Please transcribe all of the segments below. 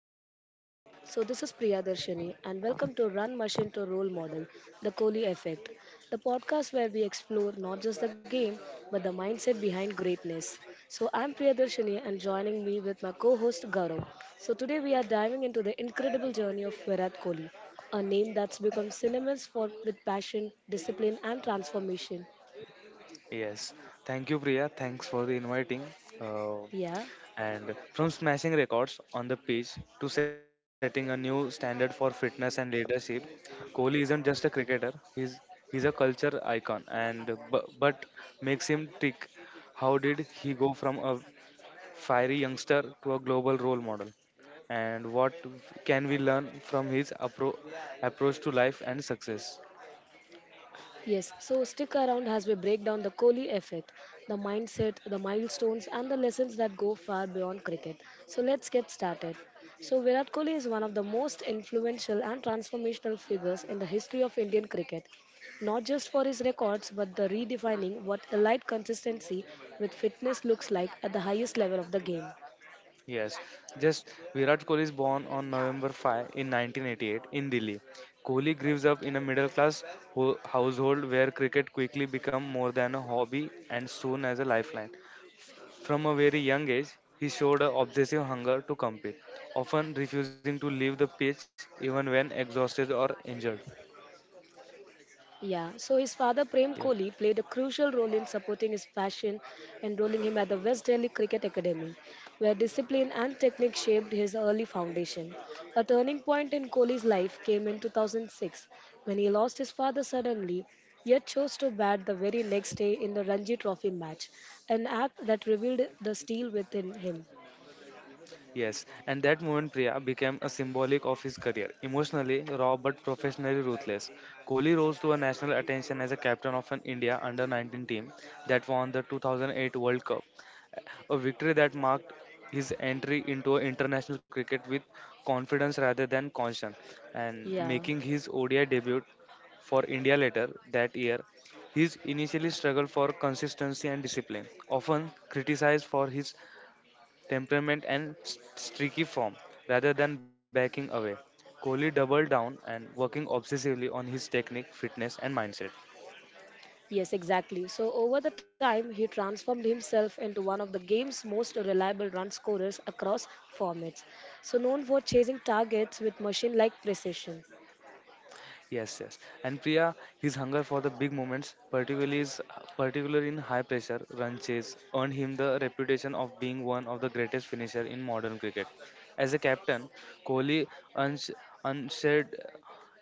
Priya's podcast. So, this is Priya Darshini, and welcome to Run Machine to Role Model, The Kohli Effect, the podcast where we explore not just the game but the mindset behind greatness. So, I'm Priya Darshini, and joining me with my co host Gaurav. So, today we are diving into the incredible journey of Virat Kohli, a name that's become synonymous with passion, discipline, and transformation. Yes, thank you, Priya. Thanks for the inviting. Uh, Yeah. and from smashing records on the pitch to setting a new standard for fitness and leadership, Kohli isn't just a cricketer. He's a culture icon. And but makes him tick. How did he go from a fiery youngster to a global role model? And what can we learn from his approach to life and success? Yes, so stick around as we break down the Kohli effect, the mindset, the milestones, and the lessons that go far beyond cricket. So let's get started. So Virat Kohli is one of the most influential and transformational figures in the history of Indian cricket, not just for his records but the redefining what elite consistency with fitness looks like at the highest level of the game. Yes, just Virat Kohli is born on November 5 in 1988 in Delhi. Kohli grows up in a middle-class household where cricket quickly became more than a hobby and soon as a lifeline. From a very young age, he showed an obsessive hunger to compete, often refusing to leave the pitch even when exhausted or injured. Yeah, so his father Prem Yes. Kohli played a crucial role in supporting his passion, enrolling him at the West Delhi Cricket Academy, where discipline and technique shaped his early foundation. A turning point in Kohli's life came in 2006 when he lost his father suddenly, yet chose to bat the very next day in the Ranji Trophy match, an act that revealed the steel within him. Yes, and that moment, Priya, became a symbolic of his career. Emotionally raw but professionally ruthless, Kohli rose to a national attention as a captain of an India under 19 team that won the 2008 World Cup, a victory that marked his entry into international cricket with confidence rather than caution, and Yeah. making his ODI debut for India later that year. He initially struggled for consistency and discipline, often criticized for his temperament and streaky form rather than backing away. Kohli doubled down and working obsessively on his technique, fitness and mindset. Yes, exactly. So over the time, he transformed himself into one of the game's most reliable run scorers across formats. So known for chasing targets with machine-like precision. Yes, yes. And Priya, his hunger for the big moments, particularly in high pressure run chase, earned him the reputation of being one of the greatest finisher in modern cricket. As a captain, Kohli uns- unshared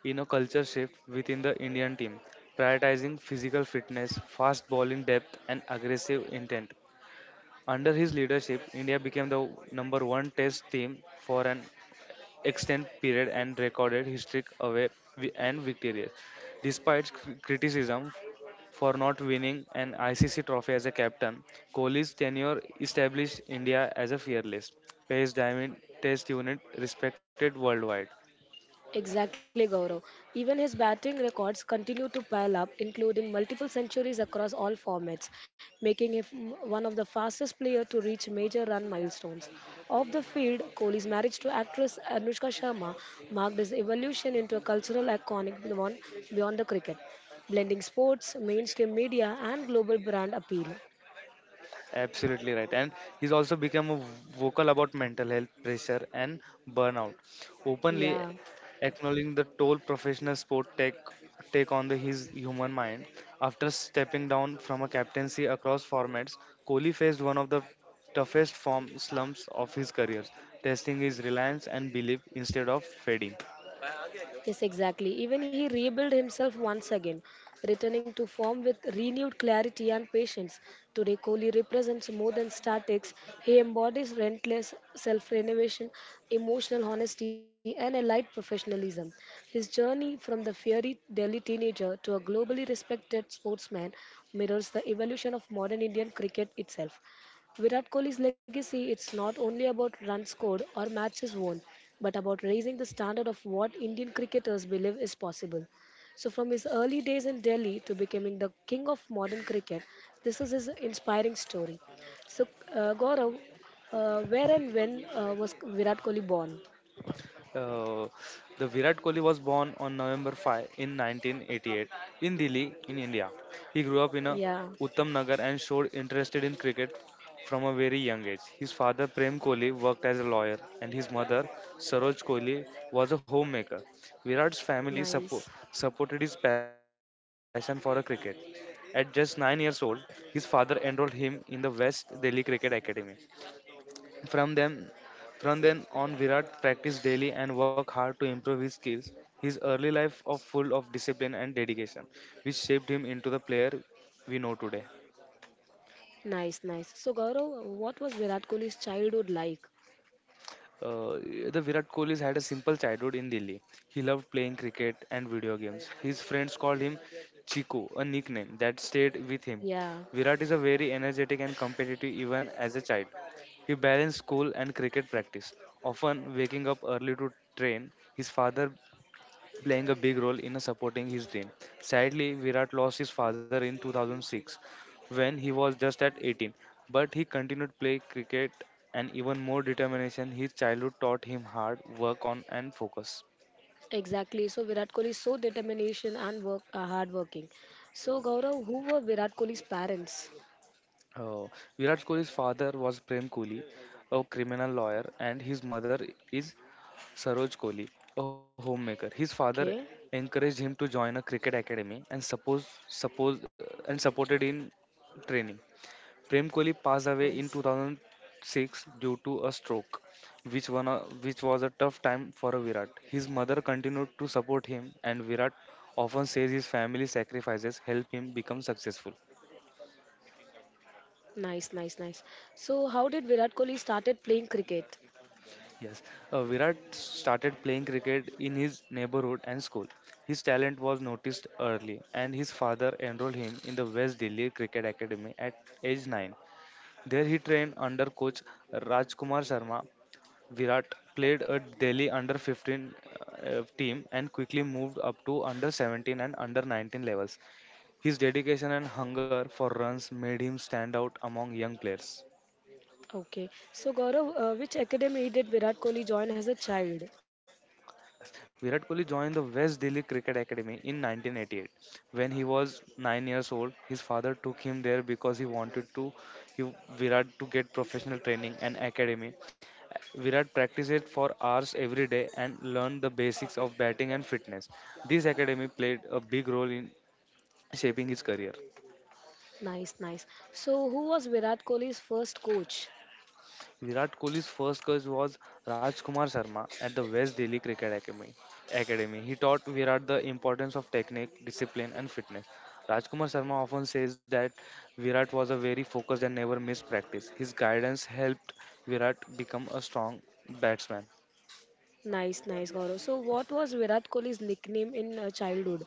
in a culture shift within the Indian team, prioritizing physical fitness, fast bowling depth, and aggressive intent. Under his leadership, India became the number one test team for an extended period and recorded history away and victorious. Despite criticism for not winning an ICC trophy as a captain, Kohli's tenure established India as a fearless, pace diamond test unit respected worldwide. Exactly, Gaurav. Even his batting records continue to pile up, including multiple centuries across all formats, making him one of the fastest players to reach major run milestones. Off the field, Kohli's marriage to actress Anushka Sharma marked his evolution into a cultural iconic beyond the cricket, blending sports, mainstream media, and global brand appeal. Absolutely right. And he's also become a vocal about mental health pressure and burnout, openly Yeah. acknowledging the toll professional sport take on the, his human mind. After stepping down from a captaincy across formats, Kohli faced one of the toughest form slumps of his career, testing his reliance and belief instead of fading. Yes, exactly. Even he rebuilt himself once again, returning to form with renewed clarity and patience. Today, Kohli represents more than statics. He embodies relentless self renovation, emotional honesty, and a light professionalism. His journey from the fiery Delhi teenager to a globally respected sportsman mirrors the evolution of modern Indian cricket itself. Virat Kohli's legacy, it's not only about runs scored or matches won, but about raising the standard of what Indian cricketers believe is possible. So from his early days in Delhi to becoming the king of modern cricket, this is his inspiring story. So Gaurav, where and when was Virat Kohli born? Uh, the Virat Kohli was born on November 5 in 1988 in Delhi, in India. He grew up in a Yeah, Uttam Nagar and showed interest in cricket from a very young age. His father Prem Kohli worked as a lawyer and his mother Saroj Kohli was a homemaker. Virat's family nice, supported his passion for a cricket. At just 9 years old, his father enrolled him in the West Delhi Cricket Academy. From them, from then on, Virat practiced daily and worked hard to improve his skills. His early life was full of discipline and dedication, which shaped him into the player we know today. nice, nice. So Gaurav, what was Virat Kohli's childhood like? Uh, the Virat Kohli had a simple childhood in Delhi. He loved playing cricket and video games. His friends called him Chiku, a nickname that stayed with him. Yeah. Virat is a very energetic and competitive even as a child. He balanced school and cricket practice, often waking up early to train. His father playing a big role in supporting his dream. Sadly, Virat lost his father in 2006 when he was just at 18, but he continued to play cricket and even more determination. His childhood taught him hard work on and focus. Exactly. So Virat Kohli is so determination and work hardworking. So Gaurav, who were Virat Kohli's parents? Uh, Virat Kohli's father was Prem Kohli, a criminal lawyer, and his mother is Saroj Kohli, a homemaker. His father Okay, encouraged him to join a cricket academy and suppose suppose and supported in training. Prem Kohli passed away nice, in 2006 due to a stroke, which, which was a tough time for a Virat. His mother continued to support him, and Virat often says his family sacrifices help him become successful. nice, nice, nice. So how did Virat Kohli started playing cricket? Yes, Virat started playing cricket in his neighborhood and school. His talent was noticed early, and his father enrolled him in the West Delhi Cricket Academy at age 9. There he trained under coach Rajkumar Sharma. Virat played a Delhi under 15 team and quickly moved up to under 17 and under 19 levels. His dedication and hunger for runs made him stand out among young players. Okay. So Gaurav, which academy did Virat Kohli join as a child? Virat Kohli joined the West Delhi Cricket Academy in 1988. When he was 9 years old, his father took him there because he wanted to Virat to get professional training and academy. Virat practiced for hours every day and learned the basics of batting and fitness. This academy played a big role in shaping his career. Nice, nice. So who was Virat Kohli's first coach? Virat Kohli's first coach was Rajkumar Sharma at the West Delhi Cricket Academy. He taught Virat the importance of technique, discipline, and fitness. Rajkumar Sharma often says that Virat was a very focused and never missed practice. His guidance helped Virat become a strong batsman. Nice, nice, Gaurav. So what was Virat Kohli's nickname in childhood?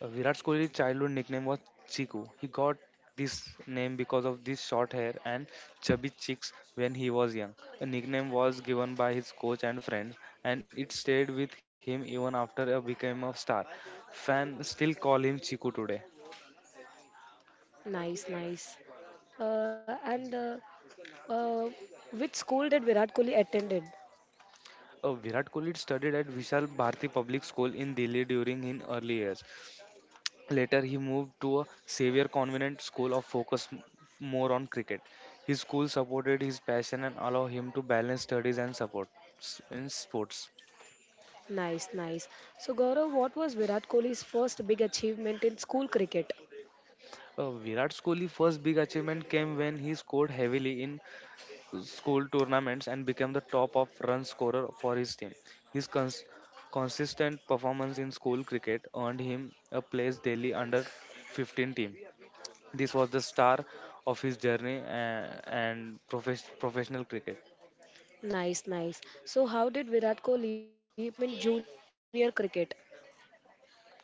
Virat Kohli's childhood nickname was Chiku. He got this name because of his short hair and chubby cheeks when he was young. The nickname was given by his coach and friends, and it stayed with him even after he became a star. Fans still call him Chiku today. Nice, nice. And Uh, which school did Virat Kohli attended? Virat Kohli studied at Vishal Bharati Public School in Delhi during his early years. Later, he moved to a Xavier Convent school of focus more on cricket. His school supported his passion and allowed him to balance studies and support in sports. Nice, nice. So Gaurav, what was Virat Kohli's first big achievement in school cricket? Virat Kohli's first big achievement came when he scored heavily in school tournaments and became the top of run scorer for his team. His consistent performance in school cricket earned him a place daily under 15 team. This was the star of his journey and professional cricket. Nice, nice. So how did Virat Kohli perform in junior cricket?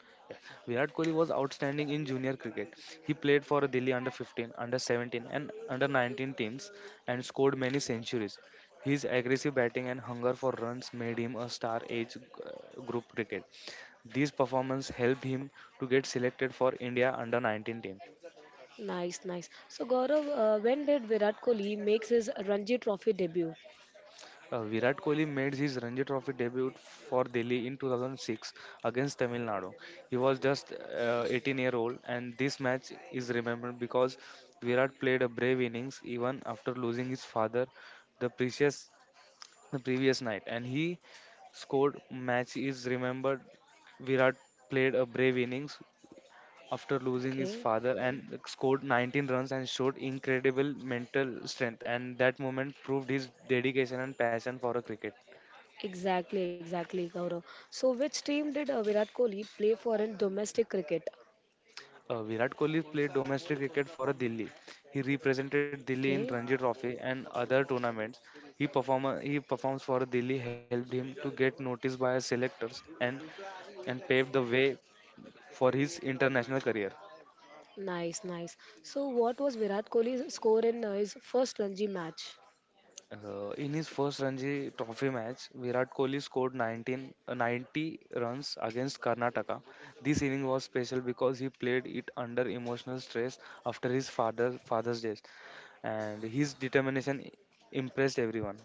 Virat Kohli was outstanding in junior cricket. He played for Delhi under 15, under 17 and under 19 teams and scored many centuries. His aggressive batting and hunger for runs made him a star age group cricket. These performances helped him to get selected for India under 19 team. Nice, nice. So Gaurav, when did Virat Kohli makes his Ranji Trophy debut? Virat Kohli made his Ranji Trophy debut for Delhi in 2006 against Tamil Nadu. He was just 18-year-old, and this match is remembered because Virat played a brave innings even after losing his father the previous the previous night, and he scored. Match is remembered. Virat played a brave innings after losing his Okay. father and scored 19 runs and showed incredible mental strength, and that moment proved his dedication and passion for a cricket. Exactly, exactly, Gaurav. So which team did Virat Kohli play for in domestic cricket? Virat Kohli played domestic cricket for Delhi. He represented Delhi in Okay. Ranji Trophy and other tournaments. He performs for Delhi helped him to get noticed by selectors and paved the way for his international career. Nice, nice. So what was Virat Kohli's score in his first Ranji match? In his first Ranji Trophy match, Virat Kohli scored 19, 90 runs against Karnataka. This inning was special because he played it under emotional stress after his father's death, and his determination impressed everyone.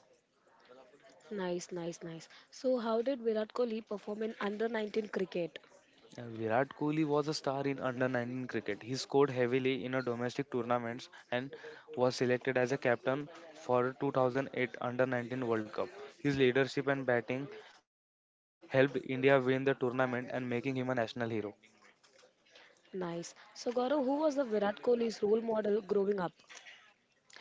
Nice, nice, nice. So, how did Virat Kohli perform in under 19 cricket? Virat Kohli was a star in under 19 cricket. He scored heavily in a domestic tournaments and was selected as a captain for 2008 under 19 World Cup. His leadership and batting helped India win the tournament and making him a national hero. Nice. So, Gaurav, who was the Virat Kohli's role model growing up?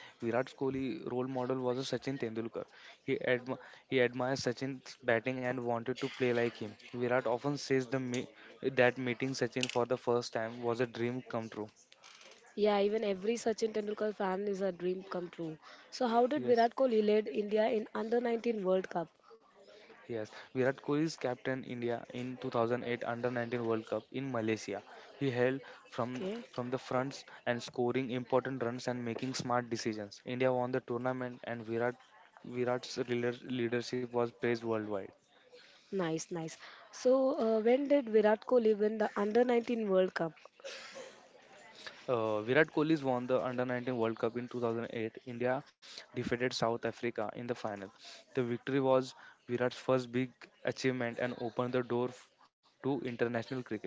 Virat Kohli's role model was a Sachin Tendulkar. He, admi- he admired Sachin's batting and wanted to play like him. Virat often says that meeting Sachin for the first time was a dream come true. Yeah, even every Sachin Tendulkar fan is a dream come true. So, how did Yes. Virat Kohli lead India in under 19 World Cup? Yes, Virat Kohli is captain India in 2008 Under 19 World Cup in Malaysia. He held from Okay, from the fronts and scoring important runs and making smart decisions. India won the tournament and Virat's leadership was praised worldwide. nice, nice. So, when did Virat Kohli win the under 19 World Cup? Virat Kohli's won the Under 19 World Cup in 2008. India defeated South Africa in the final. The victory was Virat's first big achievement and opened the door to international cricket.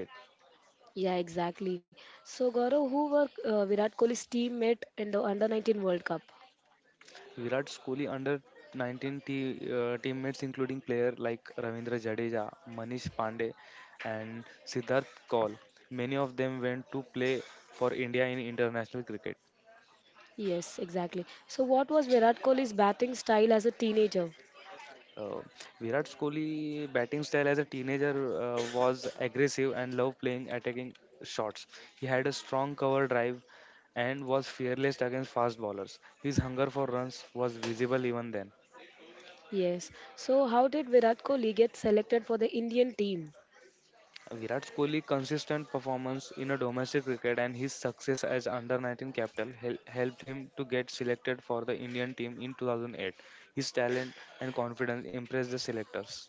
Yeah, exactly. So, Gaurav, who were Virat Kohli's teammate in the under 19 World Cup? Virat's Kohli Under 19 teammates, including players like Ravindra Jadeja, Manish Pandey, and Siddharth Kaul, many of them went to play for India in international cricket. Yes, exactly. So, what was Virat Kohli's batting style as a teenager? Uh, Virat Kohli batting style as a teenager was aggressive and loved playing attacking shots. He had a strong cover drive and was fearless against fast bowlers. His hunger for runs was visible even then. Yes. So, how did Virat Kohli get selected for the Indian team? Virat Kohli's consistent performance in a domestic cricket and his success as under 19 captain helped him to get selected for the Indian team in 2008. His talent and confidence impressed the selectors.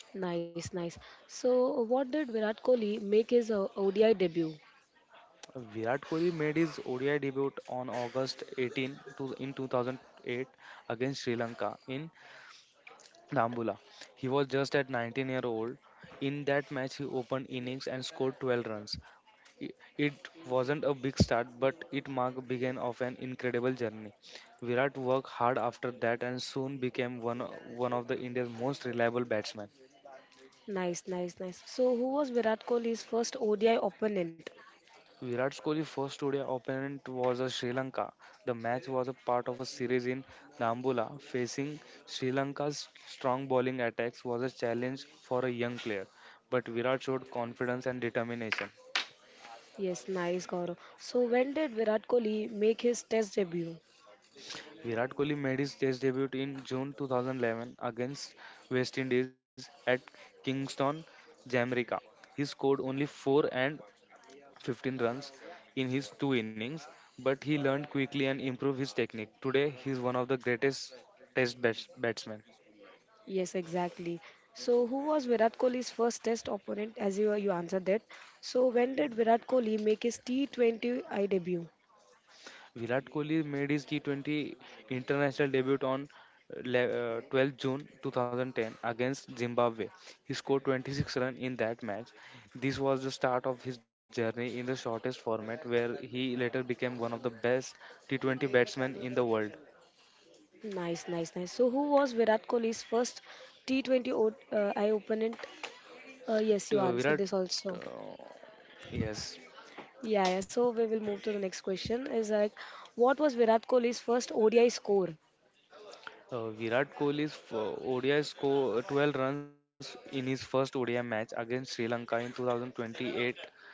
Nice, nice. So, what did Virat Kohli make his ODI debut? Virat Kohli made his ODI debut on August 18 to, in 2008 against Sri Lanka in Dambulla. He was just at 19-year-old. In that match, he opened innings and scored 12 runs. I- It wasn't a big start, but it marked the beginning of an incredible journey. Virat worked hard after that and soon became one of the India's most reliable batsmen. Nice, nice, nice. So, who was Virat Kohli's first ODI opponent? Virat Kohli's first ODI opponent was a Sri Lanka. The match was a part of a series in Dambulla. Facing Sri Lanka's strong bowling attacks was a challenge for a young player, but Virat showed confidence and determination. Yes, nice, Gaurav. So, when did Virat Kohli make his test debut? Virat Kohli made his Test debut in June 2011 against West Indies at Kingston, Jamaica. He scored only 4 and 15 runs in his two innings, but he learned quickly and improved his technique. Today, he is one of the greatest test batsmen. Yes, exactly. So, who was Virat Kohli's first test opponent? As you answered that. So, when did Virat Kohli make his T20 I debut? Virat Kohli made his T20 international debut on 12th June 2010 against Zimbabwe. He scored 26 runs in that match. This was the start of his journey in the shortest format, where he later became one of the best T20 batsmen in the world. Nice, nice, nice. So, who was Virat Kohli's first T20 I opponent? Yes, T- you uh, answered Virat, this also. uh, yes. Yeah, yeah. So, we will move to the next question. Is like, what was Virat Kohli's first ODI score? Virat Kohli's ODI score 12 runs in his first ODI match against Sri Lanka in 2028,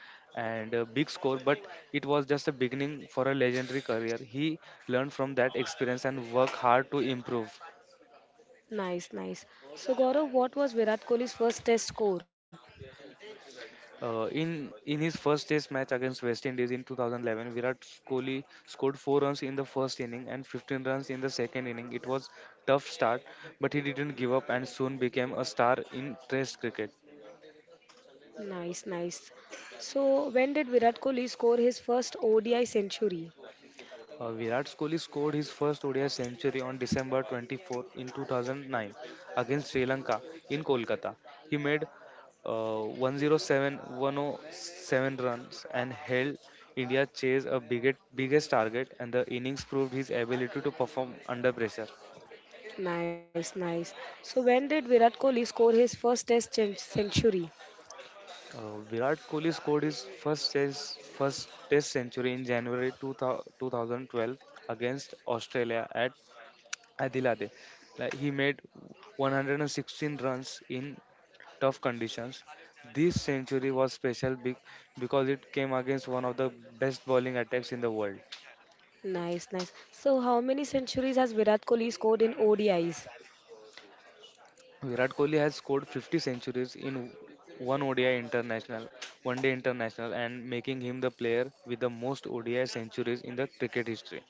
and a big score, but it was just a beginning for a legendary career. He learned from that experience and worked hard to improve. Nice, nice. So, Gaurav, what was Virat Kohli's first test score? In his first test match against West Indies in 2011, Virat Kohli scored 4 runs in the first inning and 15 runs in the second inning. It was tough start, but he didn't give up and soon became a star in test cricket. Nice, nice. So, when did Virat Kohli score his first ODI century? Virat Kohli scored his first ODI century on December 24 in 2009 against Sri Lanka in Kolkata. He made 107 runs and held India chase a biggest target, and the innings proved his ability to perform under pressure. Nice, nice. So, when did Virat Kohli score his first century? Virat Kohli scored his first test century in January 2000 2012 against Australia at Adilade. Like he made 116 runs in tough conditions. This century was special because it came against one of the best bowling attacks in the world. Nice, nice. So, how many centuries has Virat Kohli scored in ODIs? Virat Kohli has scored 50 centuries in one ODI international, one day international, and making him the player with the most ODI centuries in the cricket history.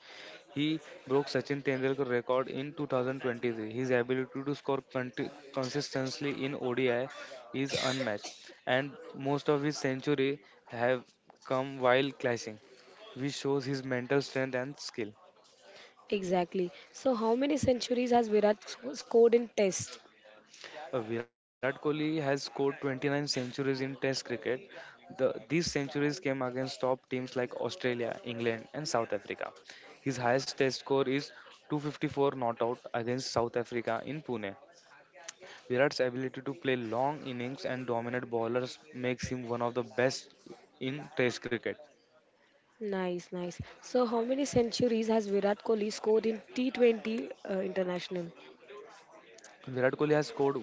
He broke Sachin Tendulkar record in 2023. His ability to score consistently in ODI is unmatched, and most of his century have come while clashing, which shows his mental strength and skill. Exactly. So, how many centuries has Virat scored in Test? Virat Kohli has scored 29 centuries in Test cricket. These centuries came against top teams like Australia, England, and South Africa. His highest Test score is 254 not out against South Africa in Pune. Virat's ability to play long innings and dominate bowlers makes him one of the best in Test cricket. Nice, nice. So, how many centuries has Virat Kohli scored in T20 international? Virat Kohli has scored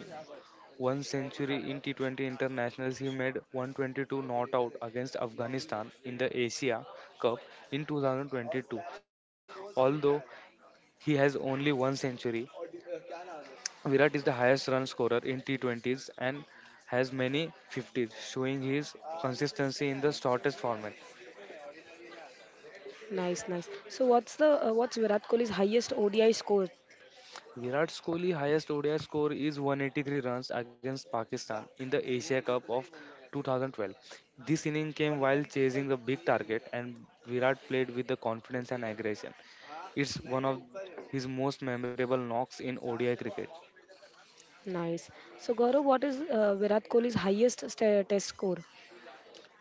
one century in T20 internationals. He made 122 not out against Afghanistan in the Asia Cup in 2022. Although he has only one century, Virat is the highest run scorer in T20s and has many 50s, showing his consistency in the shortest format. Nice, nice. So, what's Virat Kohli's highest ODI score? Virat Kohli's highest ODI score is 183 runs against Pakistan in the Asia Cup of 2012. This inning came while chasing the big target, and Virat played with the confidence and aggression. It's one of his most memorable knocks in ODI cricket. Nice. So Gaurav, what is Virat Kohli's test score?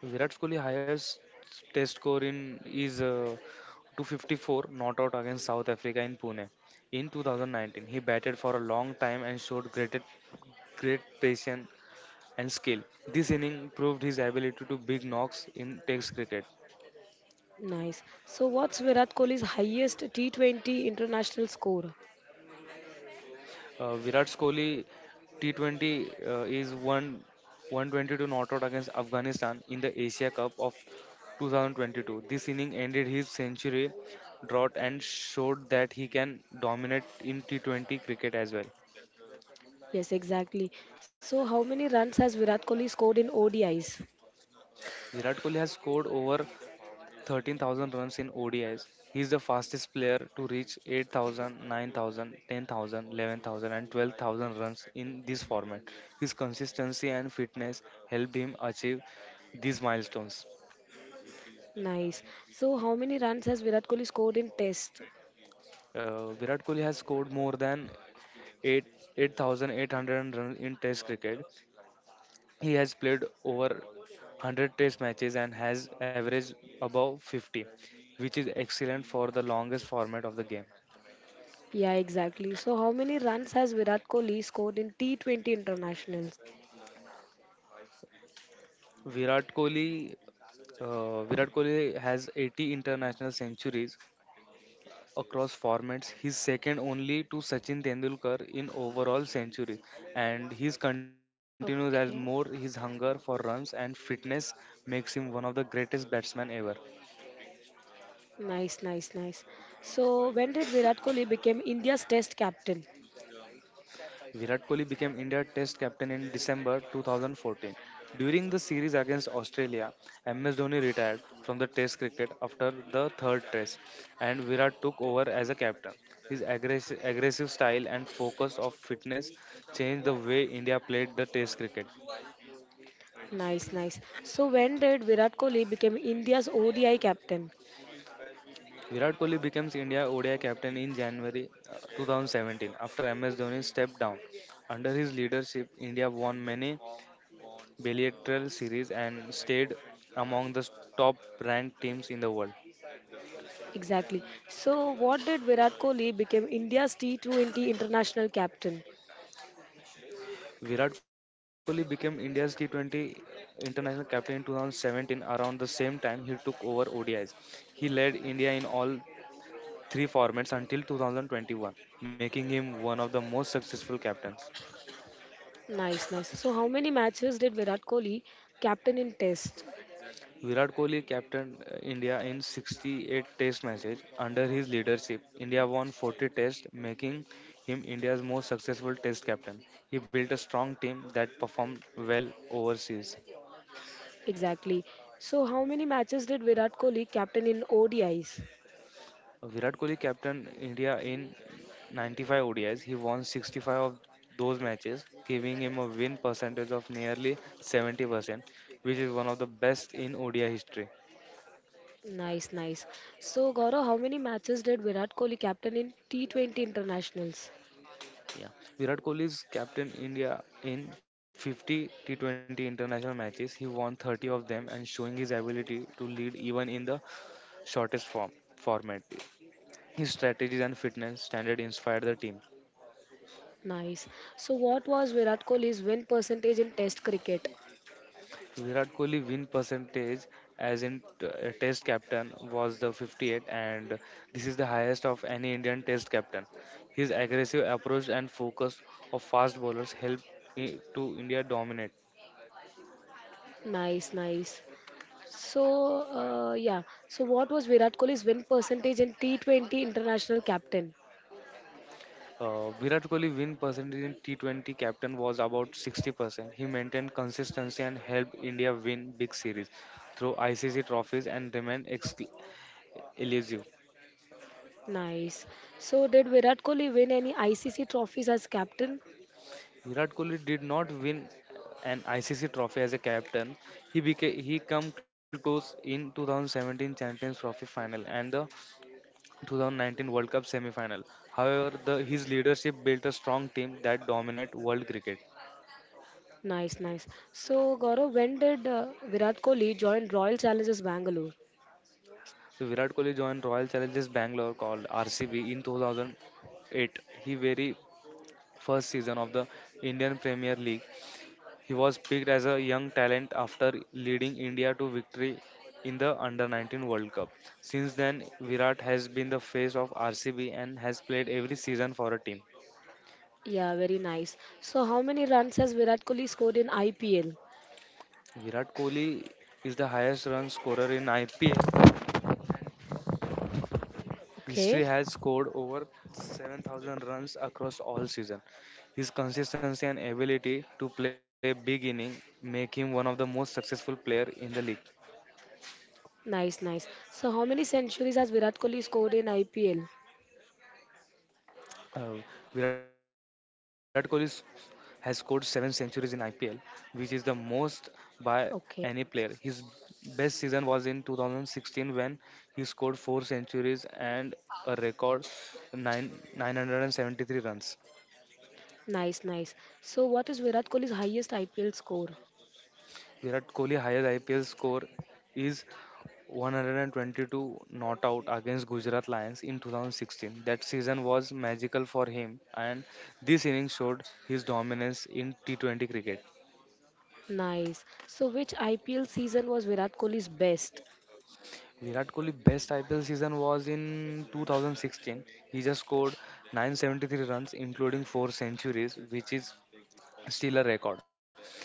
Virat Kohli's highest test score in is 254 not out against South Africa in Pune. In 2019, he batted for a long time and showed great, great patience and skill. This inning proved his ability to big knocks in Test cricket. Nice. So what's Virat Kohli's highest T20 international score? Virat Kohli T20 is one 122 not out against Afghanistan in the Asia Cup of 2022. This inning ended his century drought and showed that he can dominate in T20 cricket as well. Yes, exactly. So how many runs has Virat Kohli scored in ODIs? Virat Kohli has scored over 13,000 runs in ODIs. He is the fastest player to reach 8,000, 9,000, 10,000, 11,000, and 12,000 runs in this format. His consistency and fitness helped him achieve these milestones. Nice. So how many runs has Virat Kohli scored in test? Virat Kohli has scored more than 8 8,800 runs in Test cricket. He has played over 100 Test matches and has averaged above 50, which is excellent for the longest format of the game. Yeah, exactly. So how many runs has Virat Kohli scored in T20 internationals? Virat Kohli Virat Kohli has 80 international centuries across formats. He's second only to Sachin Tendulkar in overall centuries, and his continues as Okay. more his hunger for runs and fitness makes him one of the greatest batsmen ever. Nice, nice, nice. So when did Virat Kohli become India's test captain? Virat Kohli became India Test captain in December 2014. During the series against Australia, MS Dhoni retired from the Test cricket after the third Test, and Virat took over as a captain. His aggressive, aggressive style and focus of fitness changed the way India played the Test cricket. Nice, nice. So when did Virat Kohli become India's ODI captain? Virat Kohli becomes India ODI captain in January 2017 after MS Dhoni stepped down. Under his leadership, India won many bilateral series and stayed among the top ranked teams in the world. Exactly. So what did Virat Kohli become India's T20 international captain? Virat Kohli became India's T20 international captain in 2017 around the same time he took over ODIs. He led India in all three formats until 2021, making him one of the most successful captains. Nice, nice. So how many matches did Virat Kohli captain in Test? Virat Kohli captained India in 68 test matches. Under his leadership, India won 40 tests, making him India's most successful test captain. He built a strong team that performed well overseas. Exactly. So how many matches did Virat Kohli captain in ODIs? Virat Kohli captained India in 95 ODIs. He won 65 of those matches, giving him a win percentage of nearly 70%, which is one of the best in ODI history. Nice, nice. So Gaurav, how many matches did Virat Kohli captain in T20 internationals? Yeah, Virat Kohli is captain India in 50 T20 international matches. He won 30 of them and showing his ability to lead even in the shortest form format. His strategies and fitness standard inspired the team. Nice. So what was Virat Kohli's win percentage in Test cricket? Virat Kohli win percentage as test captain was the 58, and this is the highest of any Indian test captain. His aggressive approach and focus of fast bowlers helped to India dominate. Nice, nice. So, yeah. So, what was Virat Kohli's win percentage in T20 international captain? Virat Kohli win percentage in T20 captain was about 60%. He maintained consistency and helped India win big series through ICC trophies and remained elusive. Nice. So, did Virat Kohli win any ICC trophies as captain? Virat Kohli did not win an ICC trophy as a captain. He come close in 2017 Champions Trophy final and the 2019 World Cup semi final. However, his leadership built a strong team that dominate world cricket. Nice, nice. So, Gaurav, when did Virat Kohli join Royal Challengers Bangalore? So Virat Kohli joined Royal Challengers Bangalore called RCB in 2008. He very first season of the Indian Premier League. He was picked as a young talent after leading India to victory in the Under 19 World Cup. Since then, Virat has been the face of RCB and has played every season for a team. Yeah, very nice. So, how many runs has Virat Kohli scored in IPL? Virat Kohli is the highest run scorer in IPL history, Okay. has scored over 7,000 runs across all season. His consistency and ability to play big inning make him one of the most successful player in the league. Nice, nice. So, how many centuries has Virat Kohli scored in IPL? Uh, Virat Kohli has scored seven centuries in IPL, which is the most by Okay. any player. His best season was in 2016 when he scored four centuries and a record nine 973 runs. Nice, nice. So, what is Virat Kohli's highest IPL score? Virat Kohli's highest IPL score is 122 not out against Gujarat Lions in 2016. That season was magical for him, and this innings showed his dominance in T20 cricket. Nice. So, which IPL season was Virat Kohli's best? Virat Kohli's best IPL season was in 2016. He just scored 973 runs, including four centuries, which is still a record.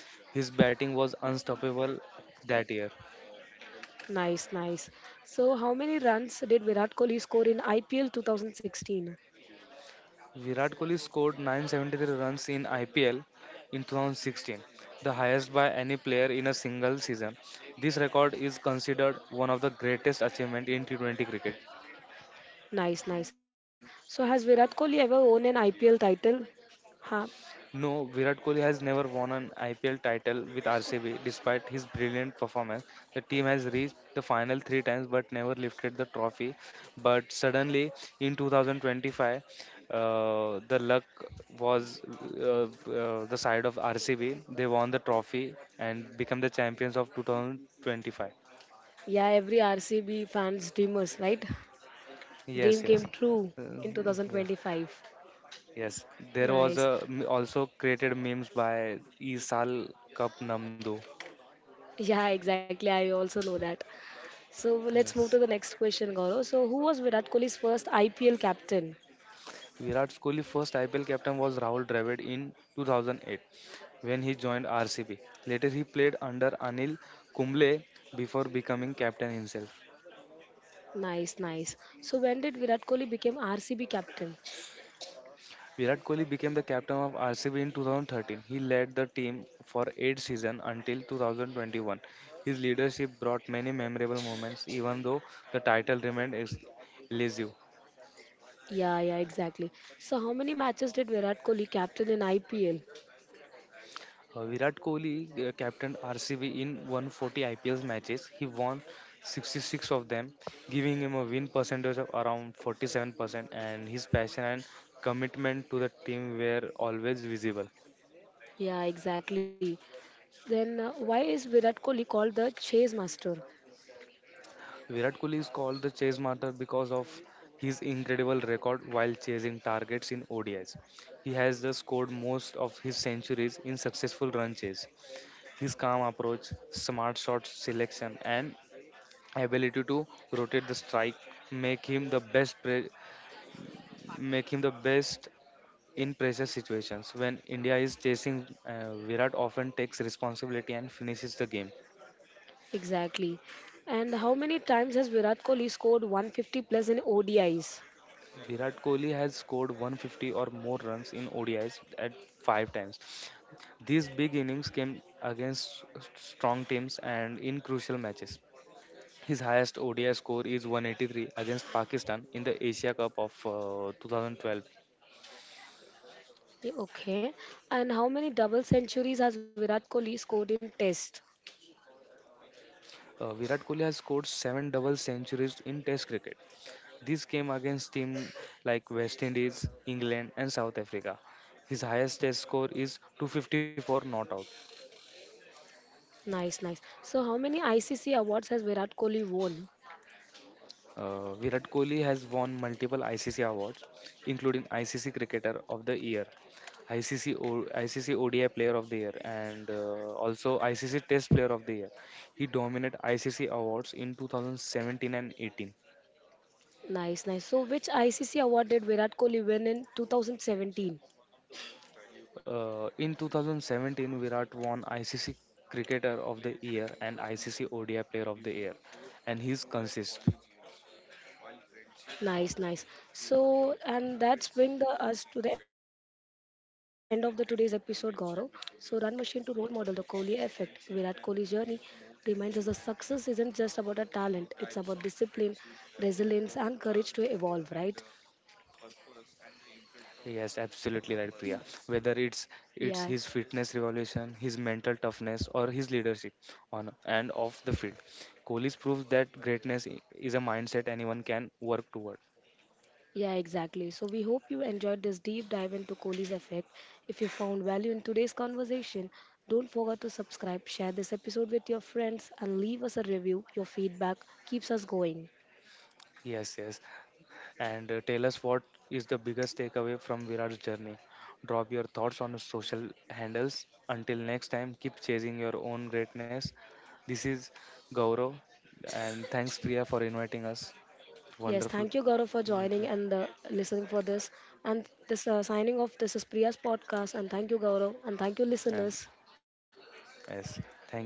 His batting was unstoppable that year. Nice, nice. So, how many runs did Virat Kohli score in IPL 2016? Virat Kohli scored 973 runs in IPL in 2016, the highest by any player in a single season. This record is considered one of the greatest achievements in T20 cricket. Nice, nice. So, has Virat Kohli ever won an IPL title? Huh? No, Virat Kohli has never won an IPL title with RCB. Despite his brilliant performance, the team has reached the final three times but never lifted the trophy. But suddenly, in 2025, the luck was uh, the side of RCB. They won the trophy and become the champions of 2025. Yeah, every RCB fans dreamers, right? Yes, Dream came yes. true Uh, in yes, 2025. yes. There was Nice. Also created memes by Isal Cup Namdo. Yeah, exactly. I also know that. So let's Yes. move to the next question, Gaurav. So who was Virat Kohli's first IPL captain? Virat Kohli's first IPL captain was Rahul Dravid in 2008 when he joined RCB. Later, he played under Anil Kumble before becoming captain himself. Nice, nice. So when did Virat Kohli become RCB captain? Virat Kohli became the captain of RCB in 2013. He led the team for eight seasons until 2021. His leadership brought many memorable moments, even though the title remained elusive. Yeah, yeah, exactly. So how many matches did Virat Kohli captain in IPL? Virat Kohli captained RCB in 140 IPL matches. He won 66 of them, giving him a win percentage of around 47%, and his passion and commitment to the team were always visible. Yeah, exactly. Then why is Virat Kohli called the chase master? Virat Kohli is called the chase master because of his incredible record while chasing targets in ODIs. He has thus scored most of his centuries in successful run chase. His calm approach, smart shot selection, and ability to rotate the strike make him the best pre- make him the best in pressure situations. When india is chasing, virat often takes responsibility and finishes the game. Exactly. And how many times has Virat Kohli scored 150 plus in ODIs? Virat kohli has scored 150 or more runs in odis at 5 times. These big innings came against strong teams and in crucial matches. His highest ODI score is 183 against Pakistan in the Asia Cup of 2012. Yeah, okay. And how many double centuries has Virat Kohli scored in Test? Virat Kohli has scored seven double centuries in Test cricket. This came against teams like West Indies, England, and South Africa. His highest Test score is 254 not out. Nice, nice. So, how many ICC awards has Virat Kohli won? Virat Kohli has won multiple ICC awards, including ICC Cricketer of the Year, ICC, ICC ODI Player of the Year, and also ICC Test Player of the Year. He dominated ICC awards in 2017 and 18. Nice, nice. So, which ICC award did Virat Kohli win in 2017? In 2017, Virat won ICC Cricketer of the Year and ICC ODI Player of the Year, and he's consist. Nice, nice. So, and us to the end of the today's episode, Gaurav. So, Run Machine to role model, the Kohli effect, Virat Kohli's journey reminds us that success isn't just about a talent; it's about discipline, resilience, and courage to evolve. Right? Yes, absolutely right, Priya. Whether it's his Yeah. fitness revolution, his mental toughness, or his leadership on and off the field, Kohli's proves that greatness is a mindset anyone can work toward. Yeah, exactly. So we hope you enjoyed this deep dive into Kohli's effect. If you found value in today's conversation, don't forget to subscribe, share this episode with your friends, and leave us a review. Your feedback keeps us going. Yes, yes. And tell us what is the biggest takeaway from Virat's journey. Drop your thoughts on his social handles. Until next time, keep chasing your own greatness. This is Gaurav, and thanks Priya for inviting us. Yes, Wonderful, thank you, Gaurav, for and joining and listening for this. And this signing off. This is Priya's podcast, and thank you, Gaurav, and thank you, listeners. yes, thank you.